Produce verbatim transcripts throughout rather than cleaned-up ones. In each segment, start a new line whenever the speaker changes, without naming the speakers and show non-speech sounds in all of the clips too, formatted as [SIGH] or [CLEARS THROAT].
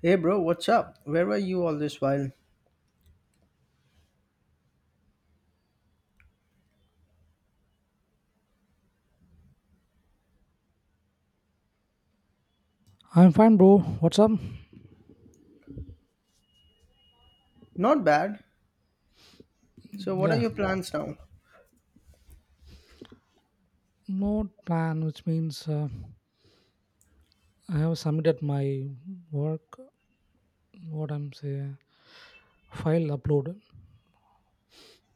Hey bro, what's up? Where were you all this while?
I'm fine, bro. What's up?
Not bad. So, what are
Yeah,
your plans now?
no plan, which means uh, I have submitted my work, what I'm saying, file upload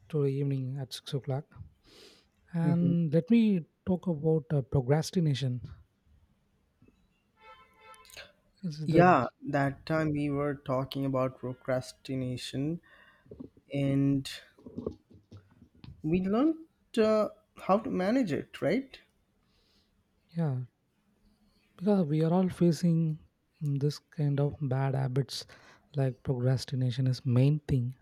to evening at six o'clock.
Mhm.
And let me talk about uh, procrastination. This is the,
Yeah, that time we were talking about procrastination and we learned uh, how to manage it, right?
yeah, because we are all facing mm, this kind of bad habits, like procrastination is main thing,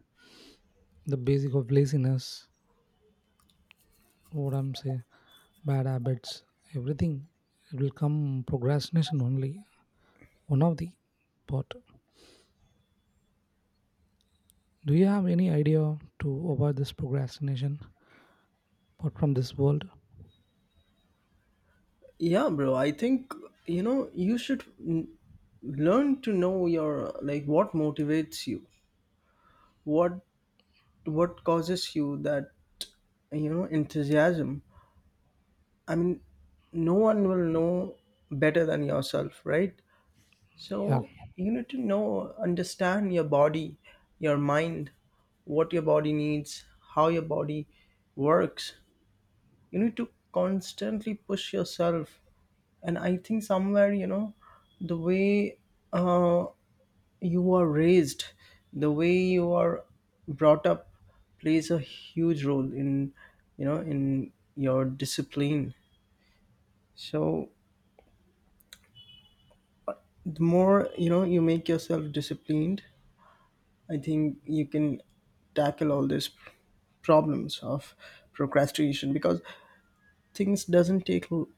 the basic of laziness, what I'm saying, bad habits, everything. It will come procrastination only one of the pot. Do you have any idea to avoid this procrastination apart from this world?
Yeah, bro, I think you know you should mm, learn to know your like what motivates you, what what causes you that you know enthusiasm. I mean, no one will know better than yourself, right?
Yeah,
So you need to know, understand your body, your mind, what your body needs, how your body works. You need to constantly push yourself. And I think somewhere, you know, the way uh, you are raised, the way you are brought up plays a huge role in, you know, in your discipline. So the more, you know, you make yourself disciplined, I think you can tackle all these problems of procrastination because things doesn't take l-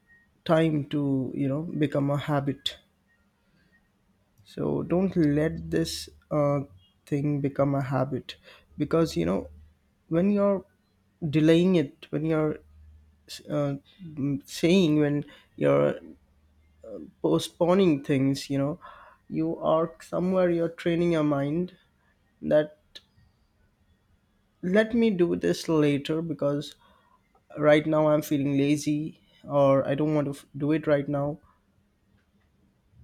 time to you know become a habit. So don't let this uh, thing become a habit because you know when you're delaying it, when you're uh, mm, saying, when you're postponing things, you know, you are somewhere you're training your mind that let me do this later because right now I'm feeling lazy or I don't want to f- do it right now.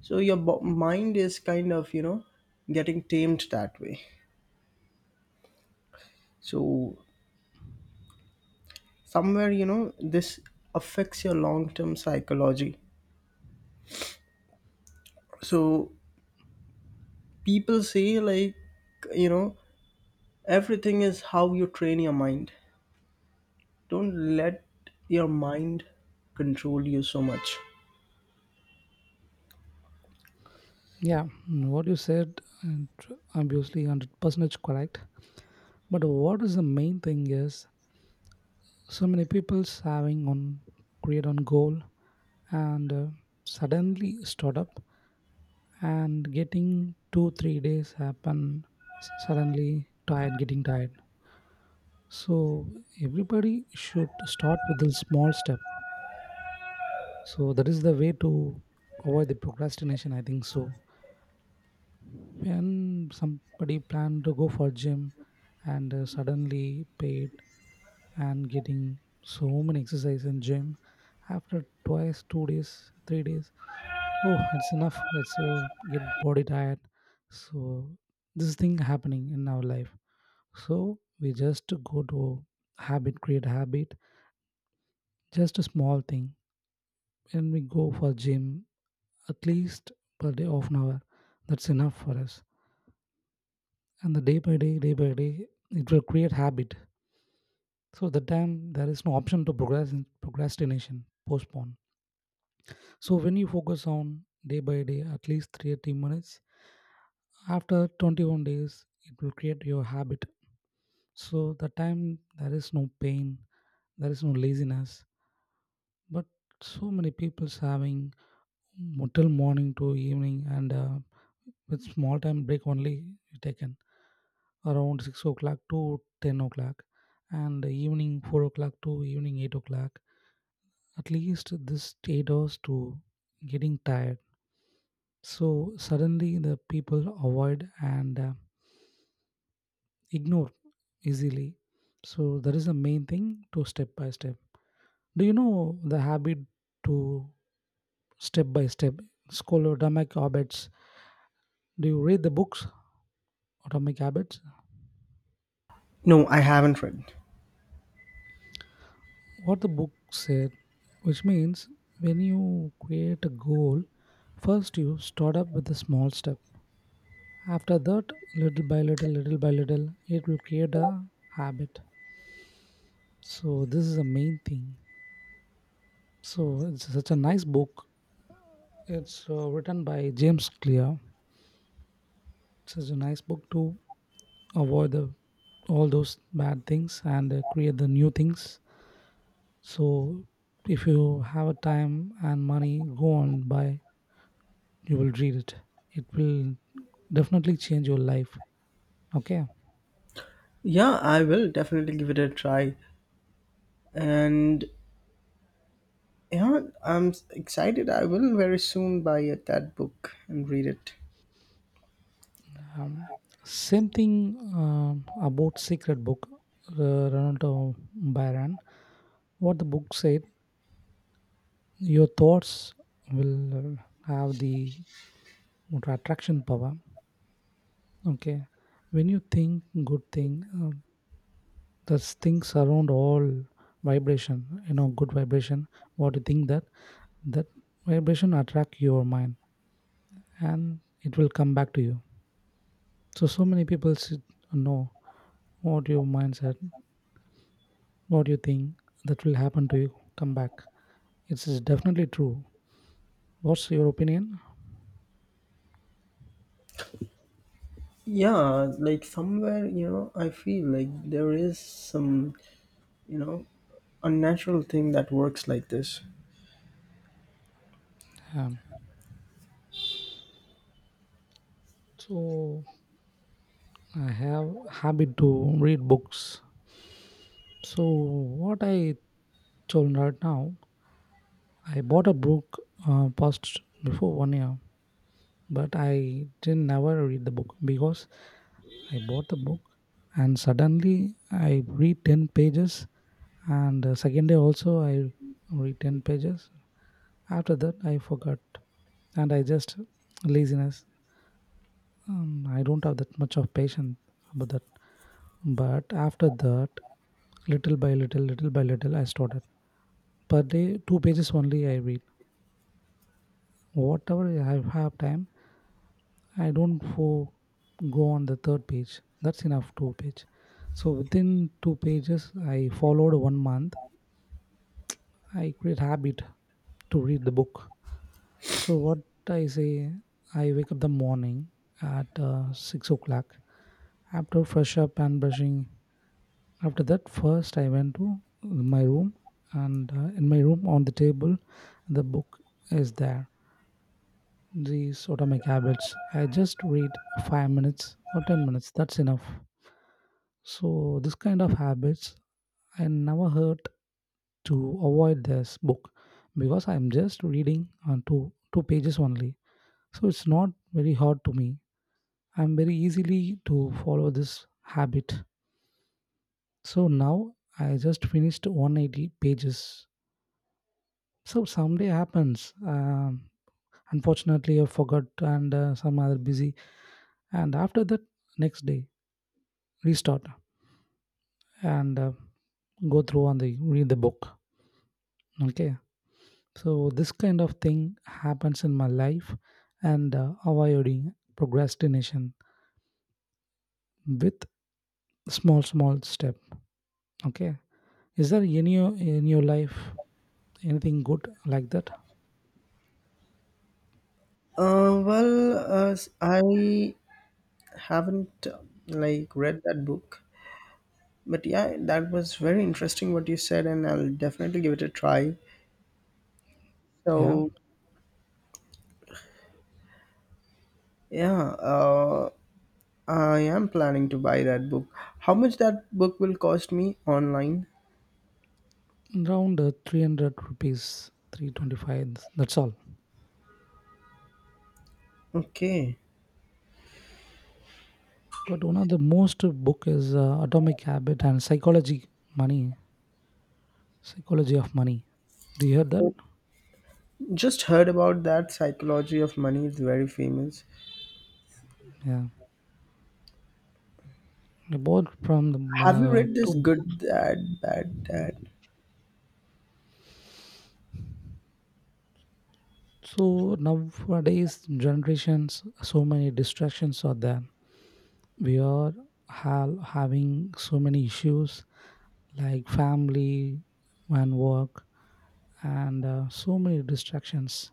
So your bo- mind is kind of you know getting tamed that way. So somewhere you know this affects your long term psychology. So people say like you know everything is how you train your mind. Don't let your mind control you so much.
yeah. mm, What you said, and obviously hundred percent correct. But what is the main thing is so many people's having on create on goal and uh, suddenly start up and getting two three days happen s- suddenly tired getting tired. So everybody should start with a small step. So that is the way to avoid the procrastination, I think so. When somebody plan to go for gym and uh, suddenly paid and getting so many exercise in gym after twice, two days, three days, oh, it's enough. It's uh, get body tired. So this thing happening in our life. So we just go to habit, create habit, just a small thing. When we go for gym at least per day of an hour that's enough for us and the day by day day by day it will create habit, so at that time there is no option to progress procrastination postpone. So when you focus on day by day at least thirty minutes, after twenty-one days it will create your habit, so the time there is no pain, there is no laziness. But so many people's having until morning to evening and uh, with small time break only taken around six o'clock to ten o'clock and evening four o'clock to evening eight o'clock, at least this eight hours to getting tired, so suddenly the people avoid and uh, ignore easily. So that is the main thing, to step by step. Do you know the habit to step by step scholodamic habits, do you read the books Atomic Habits,
No, I haven't read.
what the book said, which means when you create a goal, first you start up with a small step. After that, little by little, little by little, it will create a habit. So, this is the main thing. So, it's such a nice book. It's uh, written by James Clear. It's such a nice book to avoid the, all those bad things and uh, create the new things. So, if you have a time and money, go and buy, you will read it, it will definitely change your life. Okay.
Yeah, I will definitely give it a try. And yeah, I'm excited. I will very soon buy it, that book and read it.
um, same thing. um, about secret book, uh, Ronaldo Byron, what the book said, your thoughts will uh, have the attraction power. Okay, when you think good thing, uh, the things around all vibration, you know, good vibration, what you think that, that vibration attract your mind and it will come back to you. So, so many people should know what your mindset, what you think that will happen to you, come back. It's definitely true. What's your opinion?
Yeah, like somewhere, you know, I feel like there is some, you know, unnatural thing that works like this.
Um, so, I have habit to read books. So, what I told right now, I bought a book uh, past before one year, but I didn't never read the book because I bought the book and suddenly I read ten pages and uh, second day also I read ten pages, after that I forgot and I just laziness. um, I don't have that much of patience about that, but after that little by little little by little I started per day two pages only I read, whatever I have time. I don't fo- Go on the third page. That's enough, two page. So within two pages, I followed one month. I create habit to read the book. So what I say, I wake up the morning at uh, six o'clock. After fresh up and brushing, after that first I went to my room and uh, in my room on the table the book is there. These atomic habits. I just read five minutes or ten minutes. That's enough. So this kind of habits I never heard to avoid this book because I'm just reading on two two pages only. So it's not very hard to me. I'm very easily to follow this habit. So now I just finished one hundred eighty pages. So someday happens. Um, unfortunately, I forgot and uh, some other busy. And after that, next day restart and uh, go through on the read the book. Okay. So this kind of thing happens in my life and uh, avoiding procrastination with small small step. Okay. Is there any in your life anything good like that?
Uh, well, uh, s- I haven't uh, like read that book, but yeah, that was very interesting what you said, and I'll definitely give it a try.
Yeah.
So yeah, uh, I am planning to buy that book. How much that book will cost me online?
Around uh, three hundred rupees, three twenty-five. That's all.
Okay.
But one of the most book is uh, Atomic Habit and Psychology Money, Psychology of Money. Do you hear that?
Oh, just heard about that psychology of money is very famous.
Yeah. I bought from the
Have you
uh,
read this
two.
Good Dad, Bad Dad?
So nowadays generations, so many distractions are there. We are ha- having so many issues like family and work and uh, so many distractions.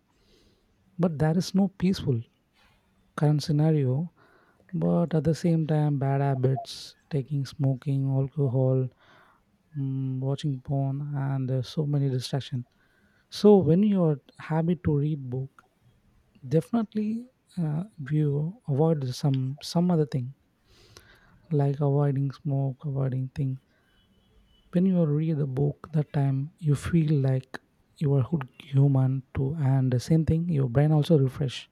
But there is no peaceful current scenario. But at the same time, bad habits, taking smoking, alcohol, mm, watching porn, and uh, so many distractions. So when your habit to read book, definitely uh, you avoid some some other thing, like avoiding smoke, avoiding things. When you read the book, that time you feel like you are good human too, and the same thing your brain also refresh,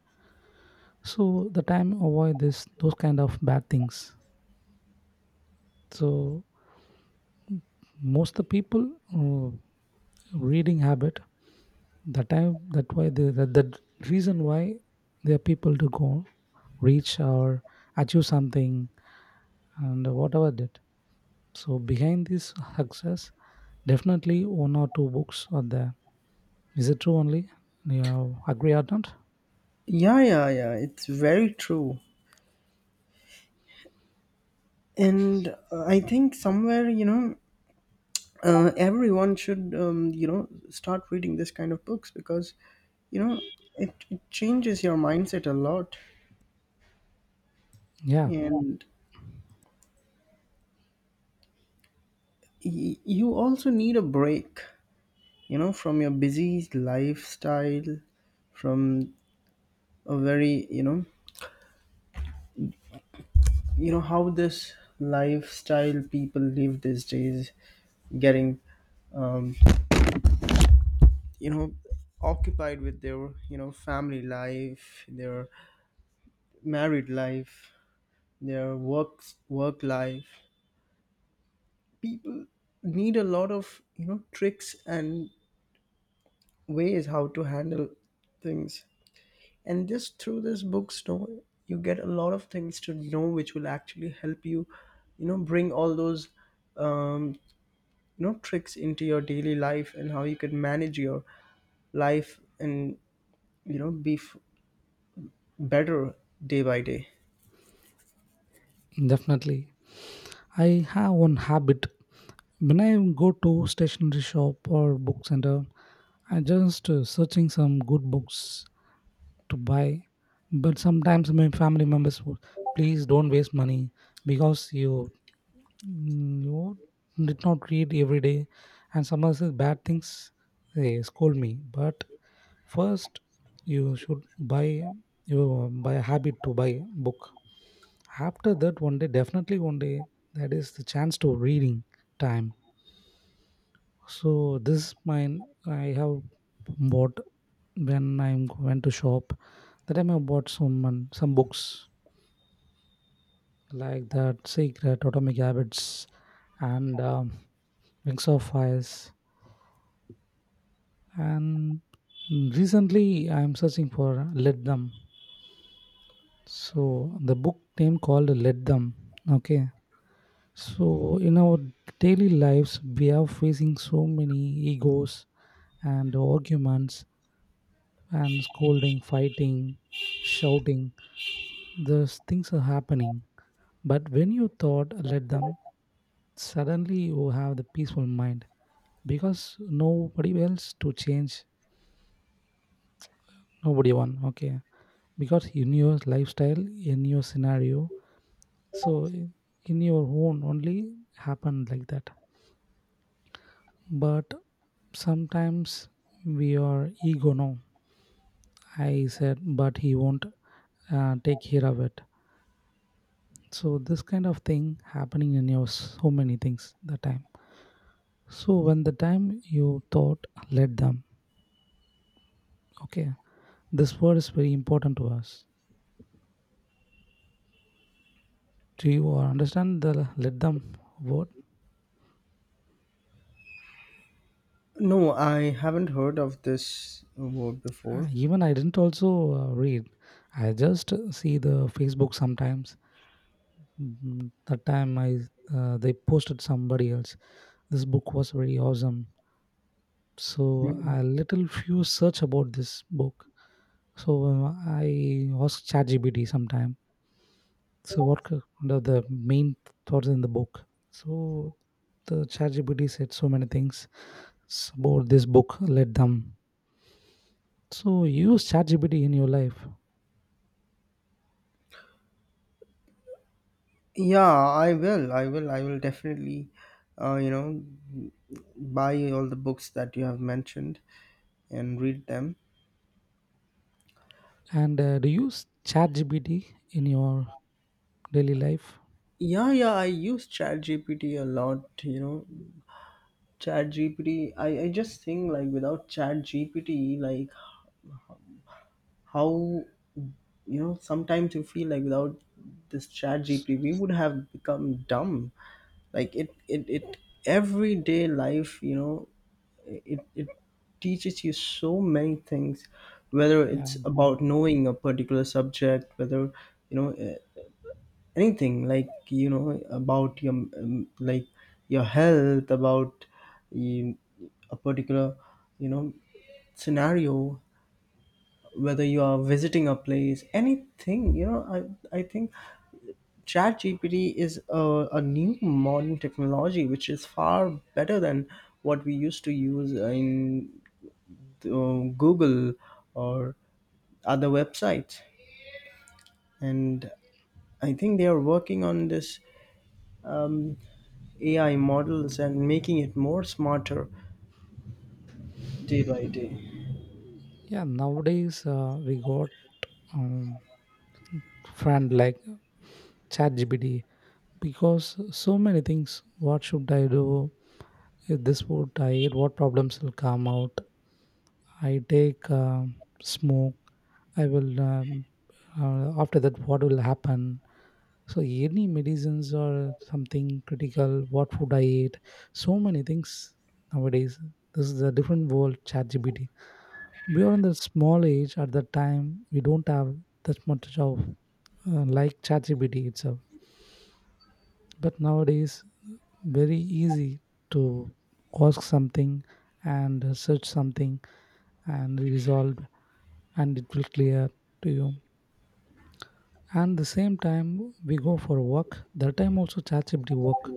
so the time avoid this those kind of bad things. So most the people uh, reading habit, that time that why the, the the reason why there are people to go reach or achieve something and whatever that. So behind this success, definitely one or two books are there. Is it true only? You agree or not?
Yeah, yeah, yeah. It's very true. And uh, I think somewhere, you know, uh, everyone should, um, you know, start reading this kind of books because, you know, it, it changes your mindset a lot.
Yeah,
And y- you also need a break, you know, from your busy lifestyle, from a very, you know, you know how this lifestyle people live these days, getting um, you know occupied with their, you know, family life, their married life, their works work life. People need a lot of, you know, tricks and ways how to handle things. And just through this bookstore you get a lot of things to know which will actually help you, you know, bring all those um, you know tricks into your daily life and how you could manage your life, and you know be f- better day by day.
definitely. I have one habit. When I go to stationery shop or book center, I just uh, searching some good books to buy. But sometimes my family members would, please don't waste money because you mm, you did not read every day, and someone says bad things. They scold me, but first, you should buy, you buy a habit to buy book. After that, one day, definitely one day, that is the chance to reading time. So this mine I have bought when I am went to shop. That time I bought some some books like that Secret, Atomic Habits, and um, Wings of Fires. And recently I am searching for Let Them. So the book name called Let Them. Okay. So, in our daily lives, we are facing so many egos and arguments and scolding, fighting, shouting. Those things are happening. But when you thought, let them, suddenly you have the peaceful mind because nobody else to change, nobody one. Okay. Because in your lifestyle, in your scenario, so i- in your own only happened like that. But sometimes we are ego now I said, but he won't uh, take care of it. So this kind of thing happening in your so many things the time. So when the time you thought, let them. Okay, this word is very important to us. Do you uh, understand the let them word?
No, I haven't heard of this word before.
Uh, even I didn't also uh, read. I just see the Facebook sometimes. Mm, That time I uh, they posted somebody else. This book was very awesome. So
Mm.
a little few search about this book. So uh, I ask ChatGPT sometime. So what c- the, the main thoughts in the book? So the ChatGPT said so many things s- about this book. Let them. So you use ChatGPT in your life,
Yeah, i will i will i will definitely uh, you know buy all the books that you have mentioned and read them.
and uh, do you use ChatGPT in your daily life?
Yeah, yeah, I use ChatGPT a lot, you know. ChatGPT, I, I just think like without ChatGPT, like how, you know, sometimes you feel like without this
S-
ChatGPT, we would have become dumb. Like it, it, it, everyday life, you know, it, it teaches you so many things, whether
Yeah,
it's about knowing a particular subject, whether, you know, eh, anything like you know about your um, like your health, about um, a particular you know scenario, whether you are visiting a place, anything you know i i think chat gpt is a, a new modern technology which is far better than what we used to use in uh, google or other websites. And I think they are working on this um, A I models and making it more smarter day by day.
yeah. Nowadays uh, we got um, friend like ChatGPT because so many things. What should I do? If this would I? What problems will come out? I take um, smoke. I will. Um, uh, after that, what will happen? So any medicines or something critical? What food I eat? So many things nowadays. This is a different world. ChatGPT. We are in the small age at that time. We don't have that much of uh, like ChatGPT itself. But nowadays, very easy to ask something and uh, search something and resolve, and it will clear to you. And the same time we go for work, that time also ChatGPT work,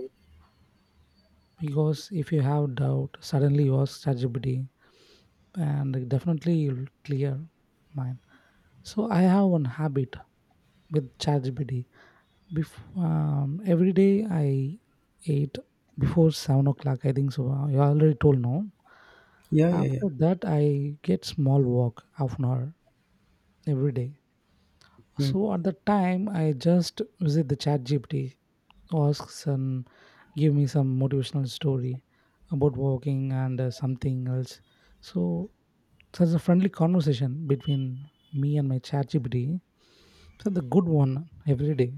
because if you have doubt suddenly you ask ChatGPT and definitely you'll clear mine. So I have one habit with ChatGPT. Before um, every day I ate before seven o'clock I think so. You already told no.
Yeah, yeah, yeah.
After that I get small walk half an hour every day,
Mm,
so at the time I just visit the ChatGPT. Asks and give me some motivational story about walking and uh, something else. So such a friendly conversation between me and my chat G P T. So the good one every day.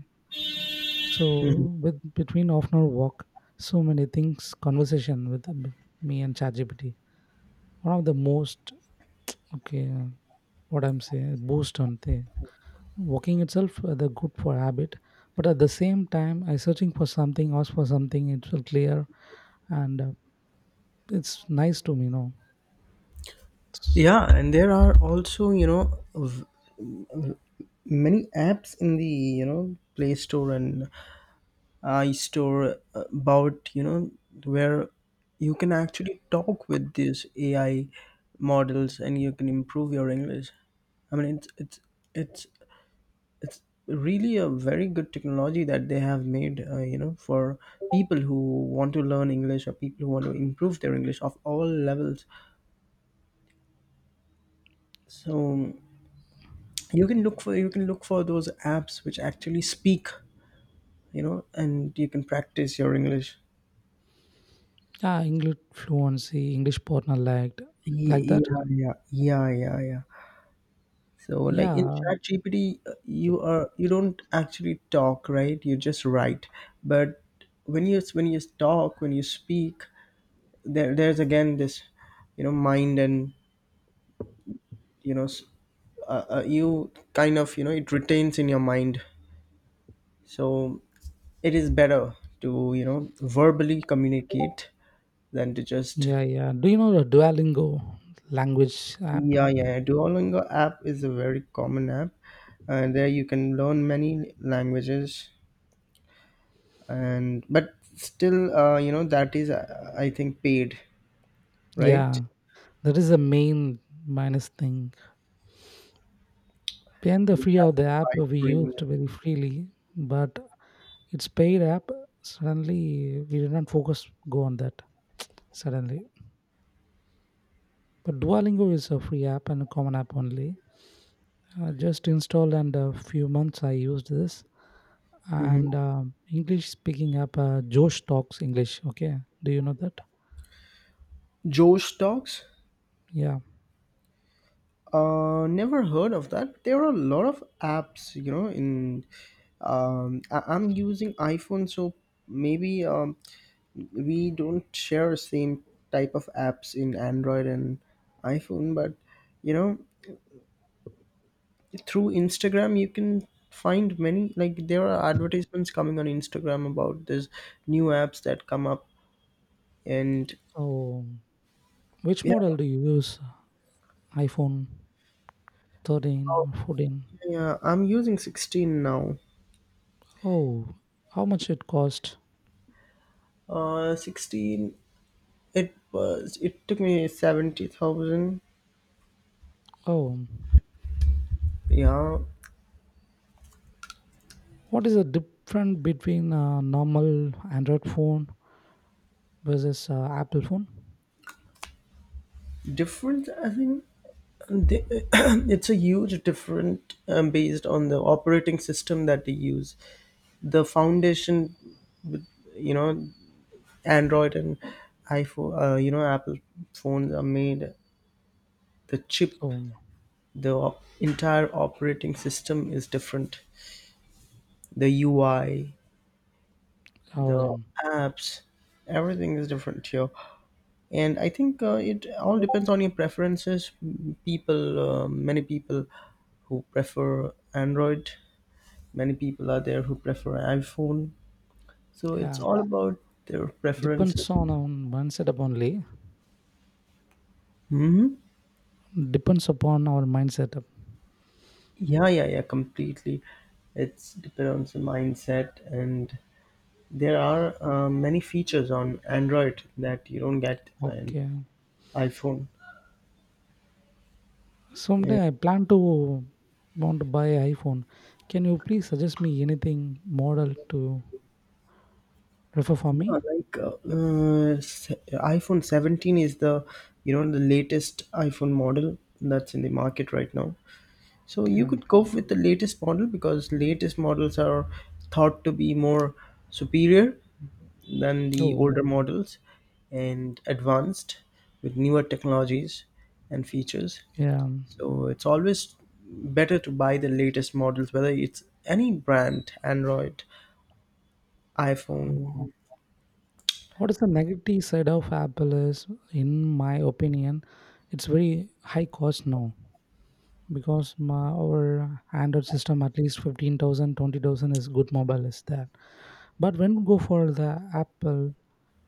mhm.
So with between half an hour walk, so many things conversation with with me and ChatGPT. One of the most okay uh, what I'm saying boost on thing. Walking itself, uh, the good for habit, but at the same time I searching for something, ask for something, it will clear and uh, it's nice to me, you know. It's-
Yeah, and there are also, you know, v- many apps in the, you know, Play Store and iStore about, you know, where you can actually talk with these A I models and you can improve your English. I mean, it's it's it's it's really a very good technology that they have made, uh, you know, for people who want to learn english or people who want to improve their english of all levels. So you can look for you can look for those apps which actually speak, you know, and you can practice your english.
yeah, English fluency, English partner like
Ye-
like that.
yeah, yeah, yeah, yeah, yeah. So like in
Yeah,
chat gpt you are, you don't actually talk, right, you just write. But when you when you talk, when you speak, there there's again this you know mind and you know s- uh, uh, you kind of, you know, it retains in your mind. So it is better to, you know, verbally communicate than to just.
yeah, yeah. Do you know the Duolingo language app?
Yeah, yeah, yeah. Duolingo app is a very common app, and there you can learn many languages. And but still uh, you know that is uh, I think paid, right?
Yeah, that is the main minus thing. Paying the
You
free
have to
of the
buy
app we used
premium.
very freely, but it's paid app. Suddenly, we did not focus go on that suddenly. But Duolingo is a free app and a common app only. I just installed and a few months I used this
Hmm.
and um, English speaking app, uh, Josh Talks English. Okay, do you know that?
Joe stocks.
Yeah.
Uh, never heard of that. There are a lot of apps, you know. In um, I- I'm using iPhone, so maybe um, we don't share same type of apps in Android and iPhone. But you know, through Instagram, you can find many. Like there are advertisements coming on Instagram about this new apps that come up, and
So, which
yeah.
model do you use? iPhone thirteen
Oh,
or fourteen?
yeah, I'm using sixteen now.
Oh, how much it cost?
Uh, sixteen. It was. It took me seventy thousand.
Oh,
Yeah,
what is the difference between a normal Android phone versus uh, Apple phone?
different. I think they, [CLEARS THROAT] it's a huge different, um, based on the operating system that they use. The foundation, you know, Android and iPhone, uh, you know, Apple phones are made. The chip,
Um,
the op- entire operating system is different. The U I, the
um,
apps, everything is different here. And I think uh, it all depends on your preferences. M- people, uh, many people who prefer android, many people are there who prefer iphone. So it's
yeah,
all about their
depends
preferences.
on our mindset up only.
Hmm.
Depends upon our mindset.
Yeah, yeah, yeah, completely. It's depends on the mindset, and there are uh, many features on android that you don't get in
Okay.
iphone.
Someday I plan to want to buy iPhone. Can you please suggest me anything model to refer for
Yeah,
me?
like uh, uh, se- iPhone seventeen is the, you know, the latest iPhone model that's in the market right now. So you
Okay.
could go with the latest model because latest models are thought to be more superior than the
Oh,
older models and advanced with newer technologies and features.
yeah.
So it's always better to buy the latest models, whether it's any brand, Android,
Uh,
iPhone.
What is the negative side of Apple is, in my opinion, it's very high cost now because my, our Android system at least fifteen thousand, twenty thousand is good mobile is there. But when we go for the Apple,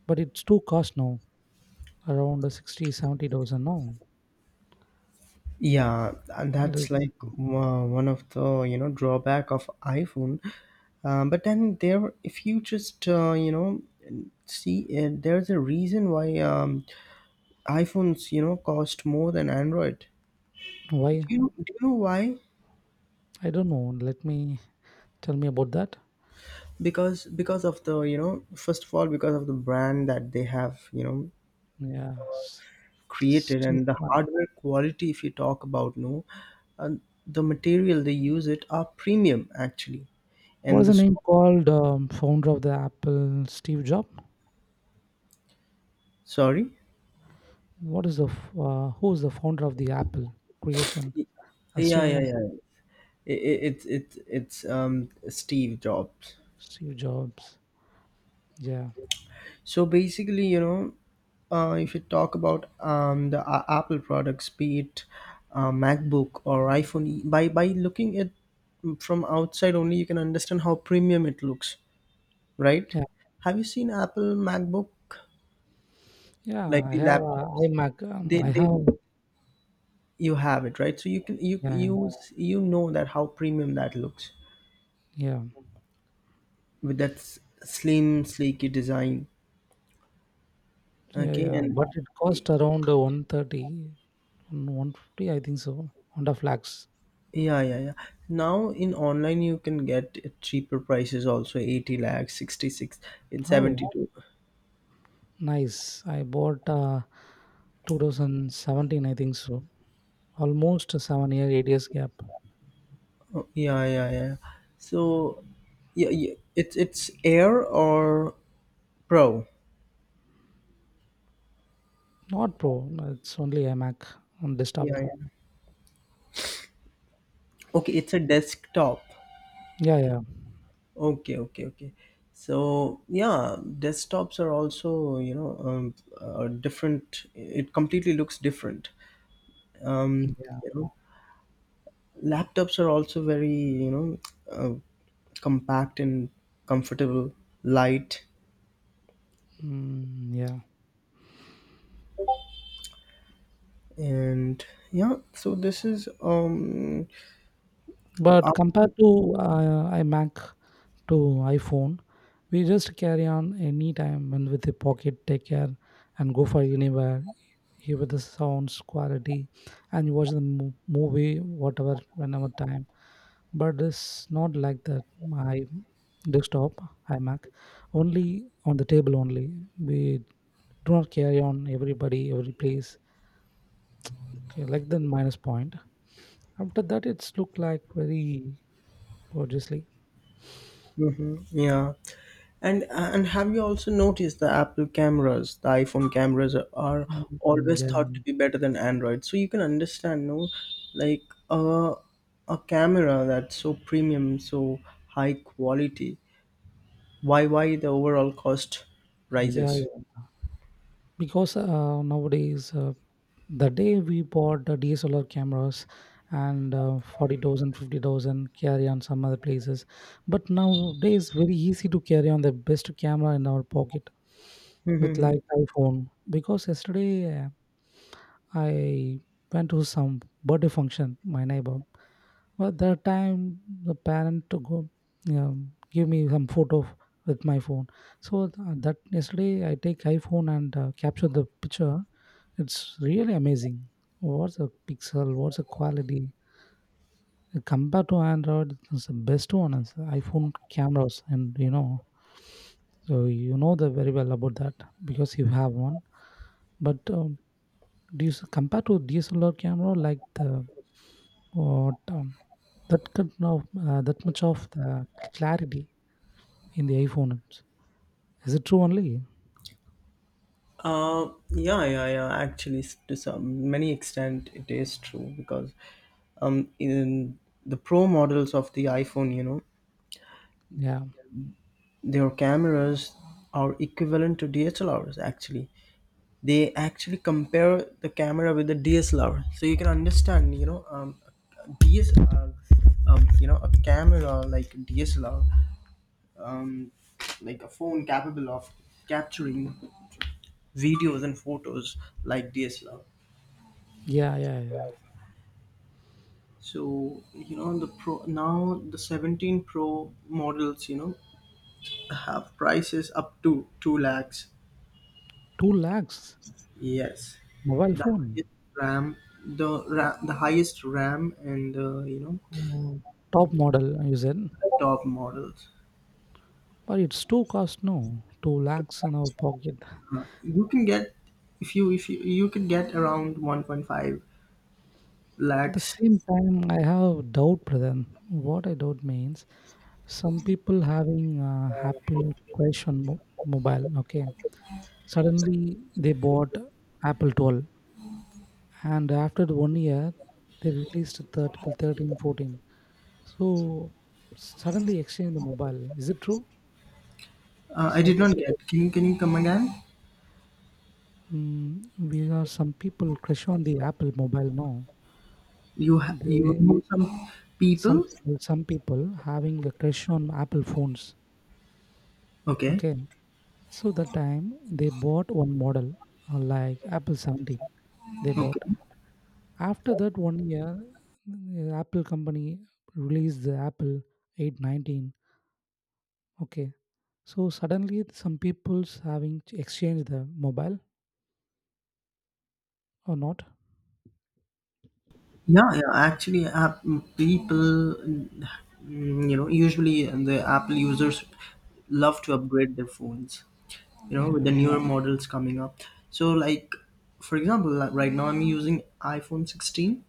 but it's too cost now around sixty, seventy thousand now.
Yeah, and
That
that's
is
like wo- one of the, you know, drawback of iPhone. Um, but then there, if you just uh, you know see, uh, there's a reason why um, iPhones you know cost more than Android. Do
why
you do you know why?
I don't know. Let me tell me about that.
Because because of the you know first of all, because of the brand that they have you know
Yeah, s-
created,
Steve.
and the hardware quality. If you talk about no, uh, the material they use it are premium actually, and
What's
the
the
so-
name called? Um, founder of the Apple, Steve Jobs.
sorry.
What is the f- uh, who's the founder of the Apple creation? Uh,
Yeah, yeah,
Steve
yeah. It, it, it's it's it's um Steve Jobs.
Steve Jobs. Yeah,
So basically, you know, uh, if you talk about um the A- Apple products, be it uh, MacBook or iPhone, e- by by looking at from outside only, you can understand how premium it looks, right?
yeah,
Have you seen Apple MacBook,
yeah.
like
I
the
have uh,
laptops?
iMac. Um,
They
I
they
have
You have it right, so you can you
yeah,
you you know that how premium that looks
yeah,
with that s- slim, sleeky design.
yeah,
Okay,
yeah.
and
But it cost around one thirty, one fifty, I think so. Honda Flags.
yeah, yeah, yeah. Now in online you can get cheaper prices also eighty lakhs, sixty six in
Oh,
seventy two.
nice. I bought uh, twenty seventeen, I think so. Almost seven year, eight years gap.
Oh, yeah, yeah, yeah. So yeah, yeah, it's it's Air or Pro.
Not Pro. It's only a Mac on
Yeah,
desktop.
yeah. Okay, it's a desktop.
Yeah, yeah,
Okay, okay, okay. So yeah, desktops are also, you know, um, uh, different. It completely looks different. Um,
yeah,
you know, Laptops are also very, you know, uh, compact and comfortable, light,
mm, yeah.
and yeah. So this is um,
But
up-
compared to uh, iMac to iPhone, we just carry on anytime and with the pocket, take care and go for anywhere. Hear with the sounds quality, and you watch the mo- movie whatever whenever time. But it's not like that. My desktop iMac only on the table only. We do not carry on everybody every place. Okay, like the minus point. After that, it's looked like very gorgeously.
mhm, yeah. And and have you also noticed the Apple cameras, the iPhone cameras are, are
Mm,
always
yeah,
thought to be better than Android. So you can understand, no, like uh, a camera that's so premium, so high quality. Why why the overall cost
yeah,
rises?
yeah. Because uh, nowadays, uh, the day we bought the D S L R cameras and uh, forty thousand, carry on some other places, but nowadays very easy to carry on the best camera in our pocket with like
[LAUGHS]
iPhone. Because yesterday, uh, I went to some birthday function, my neighbor. But that time, the parent to go, um, give me some photo with my phone. So th- that yesterday, I take iPhone and uh, capture the picture. It's really amazing. What's a pixel? What's the quality? Compared to Android, it's the best one is iPhone cameras, and you know, so you know the very well about that because you have one. But um, do you s- compare to D S L R camera like the what, um, that kind of, uh, that much of the clarity in the iPhone. It's- Is it true only?
Uh, yeah, yeah, yeah. Actually, s- to some many extent, it is true because, um, in the pro models of the iPhone, you know,
Yeah,
their cameras are equivalent to D S L Rs. Actually, they actually compare the camera with the D S L R, so you can understand, you know, um, D S L R, um, you know, a camera like D S L R, um, like a phone capable of capturing videos and photos like D S L R.
yeah, yeah, yeah.
So you know the pro now the seventeen Pro models you know have prices up to two lakhs.
Two lakhs
Yes,
mobile
the
phone,
highest RAM, the ra- the highest RAM and the you know
oh, top model. You said,
top models.
but it's too cost. No, two lakhs in our pocket.
Uh, you can get if you if you you could get around one point five
At the
lakhs.
same time, I have doubt, brother. What I doubt means, some people having uh, Apple question mo- mobile. Okay, suddenly they bought Apple twelve. And after the one year they released thirteen, thirteen fourteen. So suddenly exchange the mobile is it true?
Uh, I
Some
did not
people
get. Can you can you come again?
mm, we are some people crush on the apple mobile now,
You ha- you
they
know some
some
people?
people some people having a crush on apple phones.
Okay,
Okay, so that time they bought one model, uh, like apple seventeen they
okay.
bought. After that one year, mm, apple company released the apple eight nineteen. Okay. So suddenly some people's having to exchange the mobile or not.
Yeah, yeah. Actually, app mm, people, mm, you know, usually the Apple users love to upgrade their phones. You know, with the
Yeah.
newer models coming up. So, like, for example, like right now I'm using iPhone sixteen.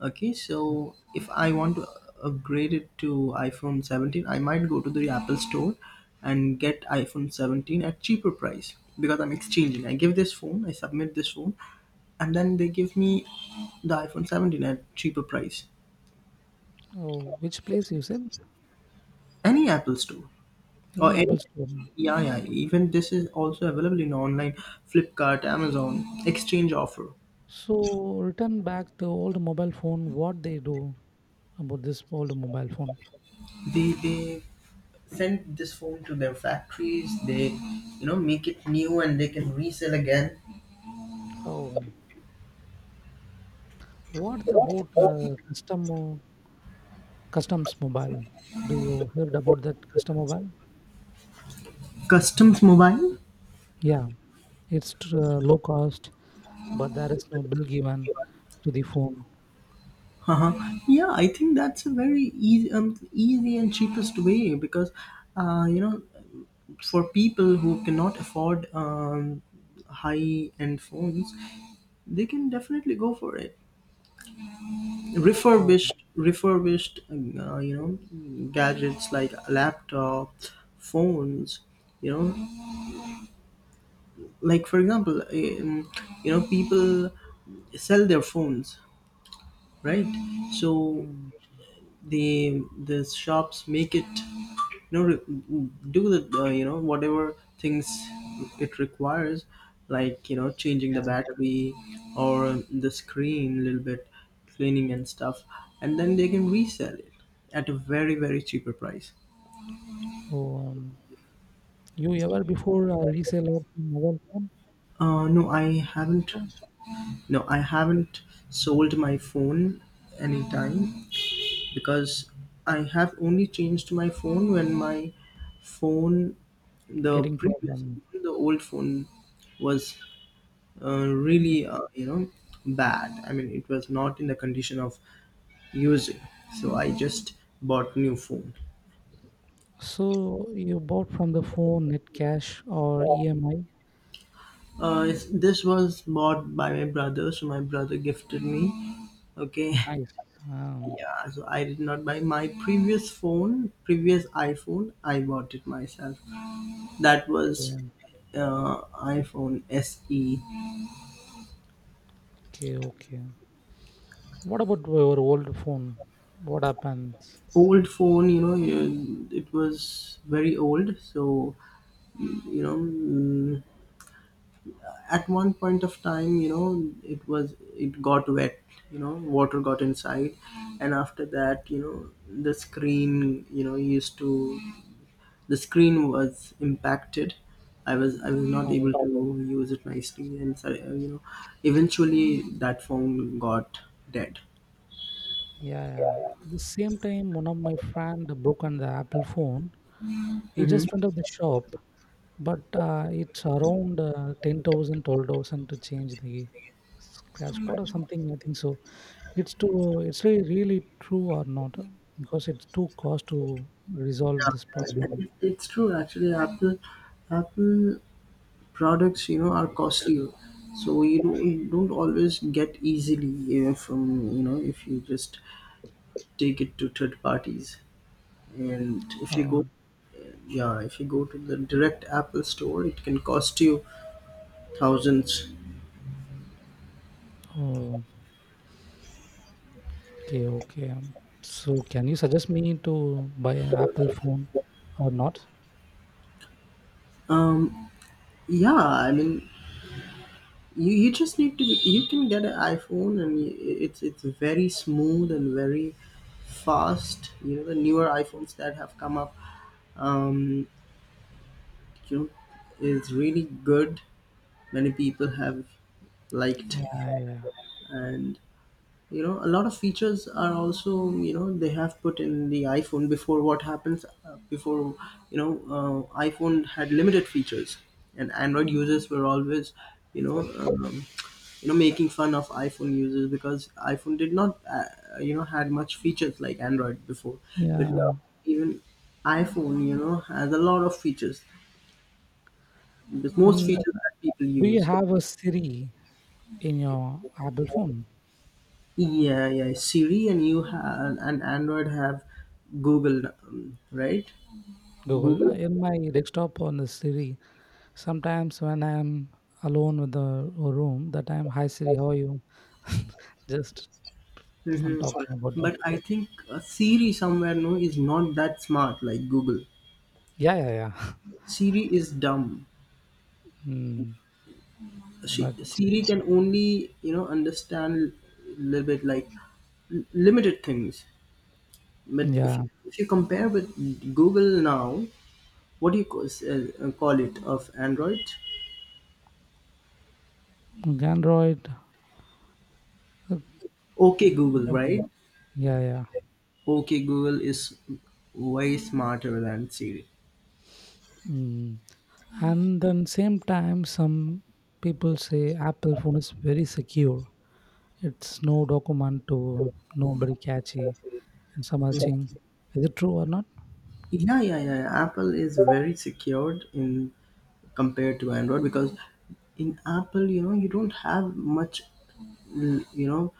Okay,
Yeah.
so if I want to upgrade it to iPhone seventeen, I might go to the Apple store and get iPhone seventeen at cheaper price because I'm exchanging. I give this phone, I submit this phone, and then they give me the iPhone seventeen at cheaper price.
Oh, which place you said?
Any Apple store or
Any
any,
Apple store.
yeah, yeah, even this is also available in online, Flipkart, Amazon exchange offer.
So return back the old mobile phone. What they do about this old mobile phone?
They they send this phone to their factories. They, you know make it new and they can resell again.
Oh, what about uh, custom mo- customs mobile? Do you heard about that custom mobile?
Customs mobile.
Yeah, it's tr- uh, low cost, but there is no bill given to the phone.
Uh-huh. Yeah, I think that's a very easy, um, easy and cheapest way because, uh, you know, for people who cannot afford um, high end phones, they can definitely go for it.
Oh,
Refurbished refurbished um, uh, you know gadgets like a laptop, phones, you know like for example, um, you know people sell their phones, right? So
mm,
the the shops make it, you know re- do the, uh, you know whatever things it requires, like, you know changing the
yeah.
battery or the screen, a little bit cleaning and stuff, and then they can resell it at a very very cheaper price.
Oh, you ever before uh, resell a mobile phone
uh no i
at the
haven't
store?
no i haven't sold my phone anytime because I have only changed my phone when my phone, the
Getting
previous,
problem.
the old phone was, uh,
Hmm.
really, uh, you know bad. I mean, it was not in the condition of using, so I just bought new phone.
So you bought from the phone net cash or E M I?
Uh, it's- this was bought by my brother, so my brother gifted me. Okay.
Nice. Um,
[LAUGHS] Yeah, so I did not buy my previous phone. Previous iPhone, I bought it myself. That was,
okay,
uh, iPhone SE.
okay, okay. What about your old phone? What happens?
Old phone, you know you- it was very old, so, you know mm, at one point of time, you know it was it got wet, you know water got inside. And after that, you know the screen, you know used to the screen was impacted. I was i was not able
Oh,
to use it nicely and so, uh, you know eventually that phone got dead.
yeah, yeah. At the same time, one of my friend broken the Apple phone. He
Hmm.
just went out the shop, but uh, it's around uh, ten thousand, to change the scratch code or something. I think so. It's too, it's really, really true or not uh, because it's too cost to resolve
Yeah,
this
it's
problem.
it's true actually. Apple, Apple. products, you know are costlier, so you don't, you don't always get easily, you know, from, you know if you just take it to third parties, and if you go,
Um,
yeah, if you go to the direct Apple store, it can cost you thousands.
oh, okay, okay. um, So, can you suggest me to buy an Apple phone or not?
um yeah, I mean, you, you just need to you can get an iPhone, and y- it's it's very smooth and very fast. You know the newer iPhones that have come up, um you know is really good. Many people have liked.
Yeah, yeah,
And, you know a lot of features are also, you know they have put in the iPhone before. What happens, uh, before, you know uh, iPhone had limited features, and Android users were always, you know um, you know making fun of iPhone users because iPhone did not, uh, you know had much features like Android before. But
yeah.
now even iPhone, you know has a lot of features. There's most
And
features that people
do you
use.
have a Siri in your Apple phone?
Yeah, yeah. Siri, and you have, and Android have Google, um, right?
Google
Google.
in my desktop on the Siri. Sometimes when I'm alone with the a room, that time, hi Siri, how are you? [LAUGHS] Just fun
Hmm.
talking about that.
But I think, uh, Siri somewhere no is not that smart like Google.
Yeah, yeah, yeah.
Siri is dumb.
Mm,
She,
but
Siri can only, you know understand a little bit, like l- limited things. But if
yeah,
you, if you compare with Google now, what do you call, uh, call it of Android?
Android, uh,
Okay, Google, right?
don't- yeah, yeah.
Okay, Google is way smarter than Siri.
Mm. And then same time, some people say Apple phone is very secure. It's no document to nobody catchy and some are saying, is it true or not?
Yeah, yeah, yeah, yeah. Apple is very secured in compared to Android because in Apple, you know, you don't have much, l- you know,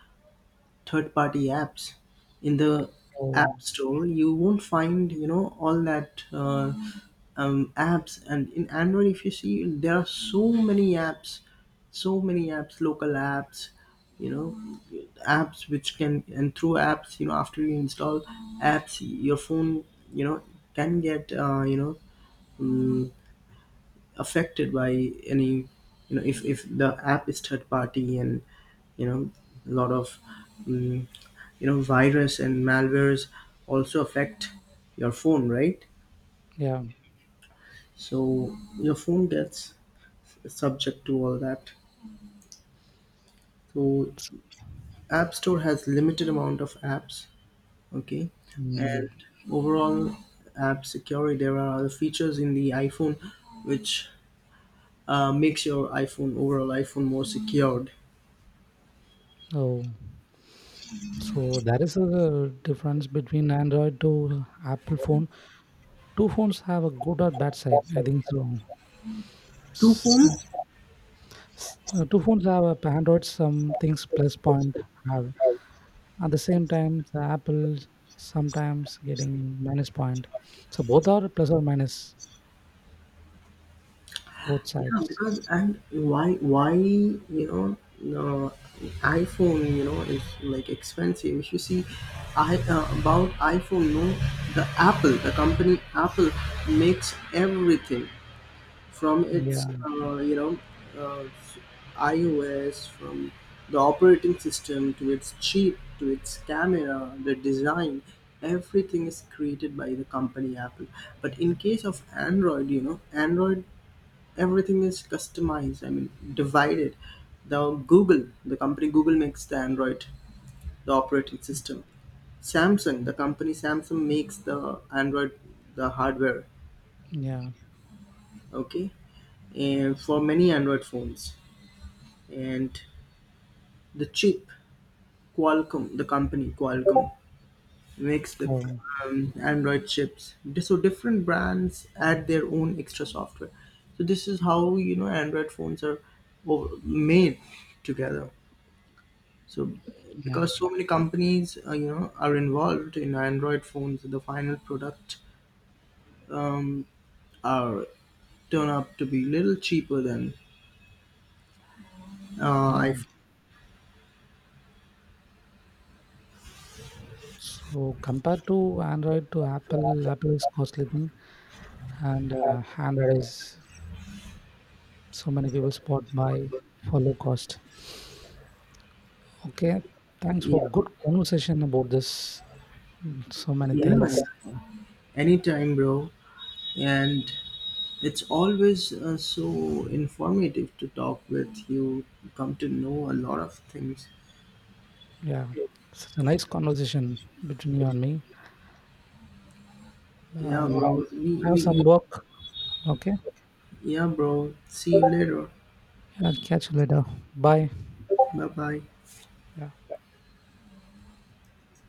third party apps in the
Oh,
app store. You won't find, you know all that, uh, um, apps. And in Android, if you see, there are so many apps, so many apps, local apps, you know apps which can, and through apps, you know after you install apps, your phone, you know can get, uh, you know um, affected by any, you know if if the app is third party, and, you know a lot of, um, you know virus and malwares also affect your phone, right?
yeah.
So your phone gets subject to all that. So
it's-
app store has limited amount of apps. Okay.
Mm.
And overall app security, there are other features in the iPhone, which, uh, makes your iPhone, overall iPhone, more secured.
Oh, so that is the difference between Android to Apple phone. Two phones have a good or bad side. I think
Two
so.
phones.
S- uh, two phones have app android some things plus point have at the same time the apple sometimes getting minus point, so both are plus or minus both
Yeah,
sides.
because, and why why you know uh, iPhone, you know is like expensive. If you see, I, uh, about iPhone, no, the Apple, the company Apple, makes everything from its,
Yeah,
uh, you know uh, iOS, from the operating system to its chip to its camera, the design, everything is created by the company Apple. But in case of Android, you know, Android, everything is customized, I mean divided. The Google, the company Google makes the Android, the operating system. Samsung, the company Samsung makes the Android, the hardware.
yeah,
Okay. And for many Android phones, and the chip, Qualcomm, the company Qualcomm makes the,
um,
um, Android chips. So different brands add their own extra software. So this is how, you know Android phones are over- made together. So
yeah,
because so many companies, uh, you know are involved in Android phones, the final product, um, are turn up to be little cheaper than, uh,
yeah.
I...
So compared to android to apple, apple is costly thing and uh, android is so many people spot by for low cost. Okay, thanks for
Yeah,
good conversation about this so many
yeah,
things.
yeah. Anytime, bro. And it's always, uh, so informative to talk with you. You come to know a lot of things.
Yeah, such a nice conversation between you and me.
Yeah,
Um,
bro. We,
I have some
we,
work. Okay.
yeah, bro. See you later.
Yeah, catch you later. Bye.
Bye bye.
Yeah.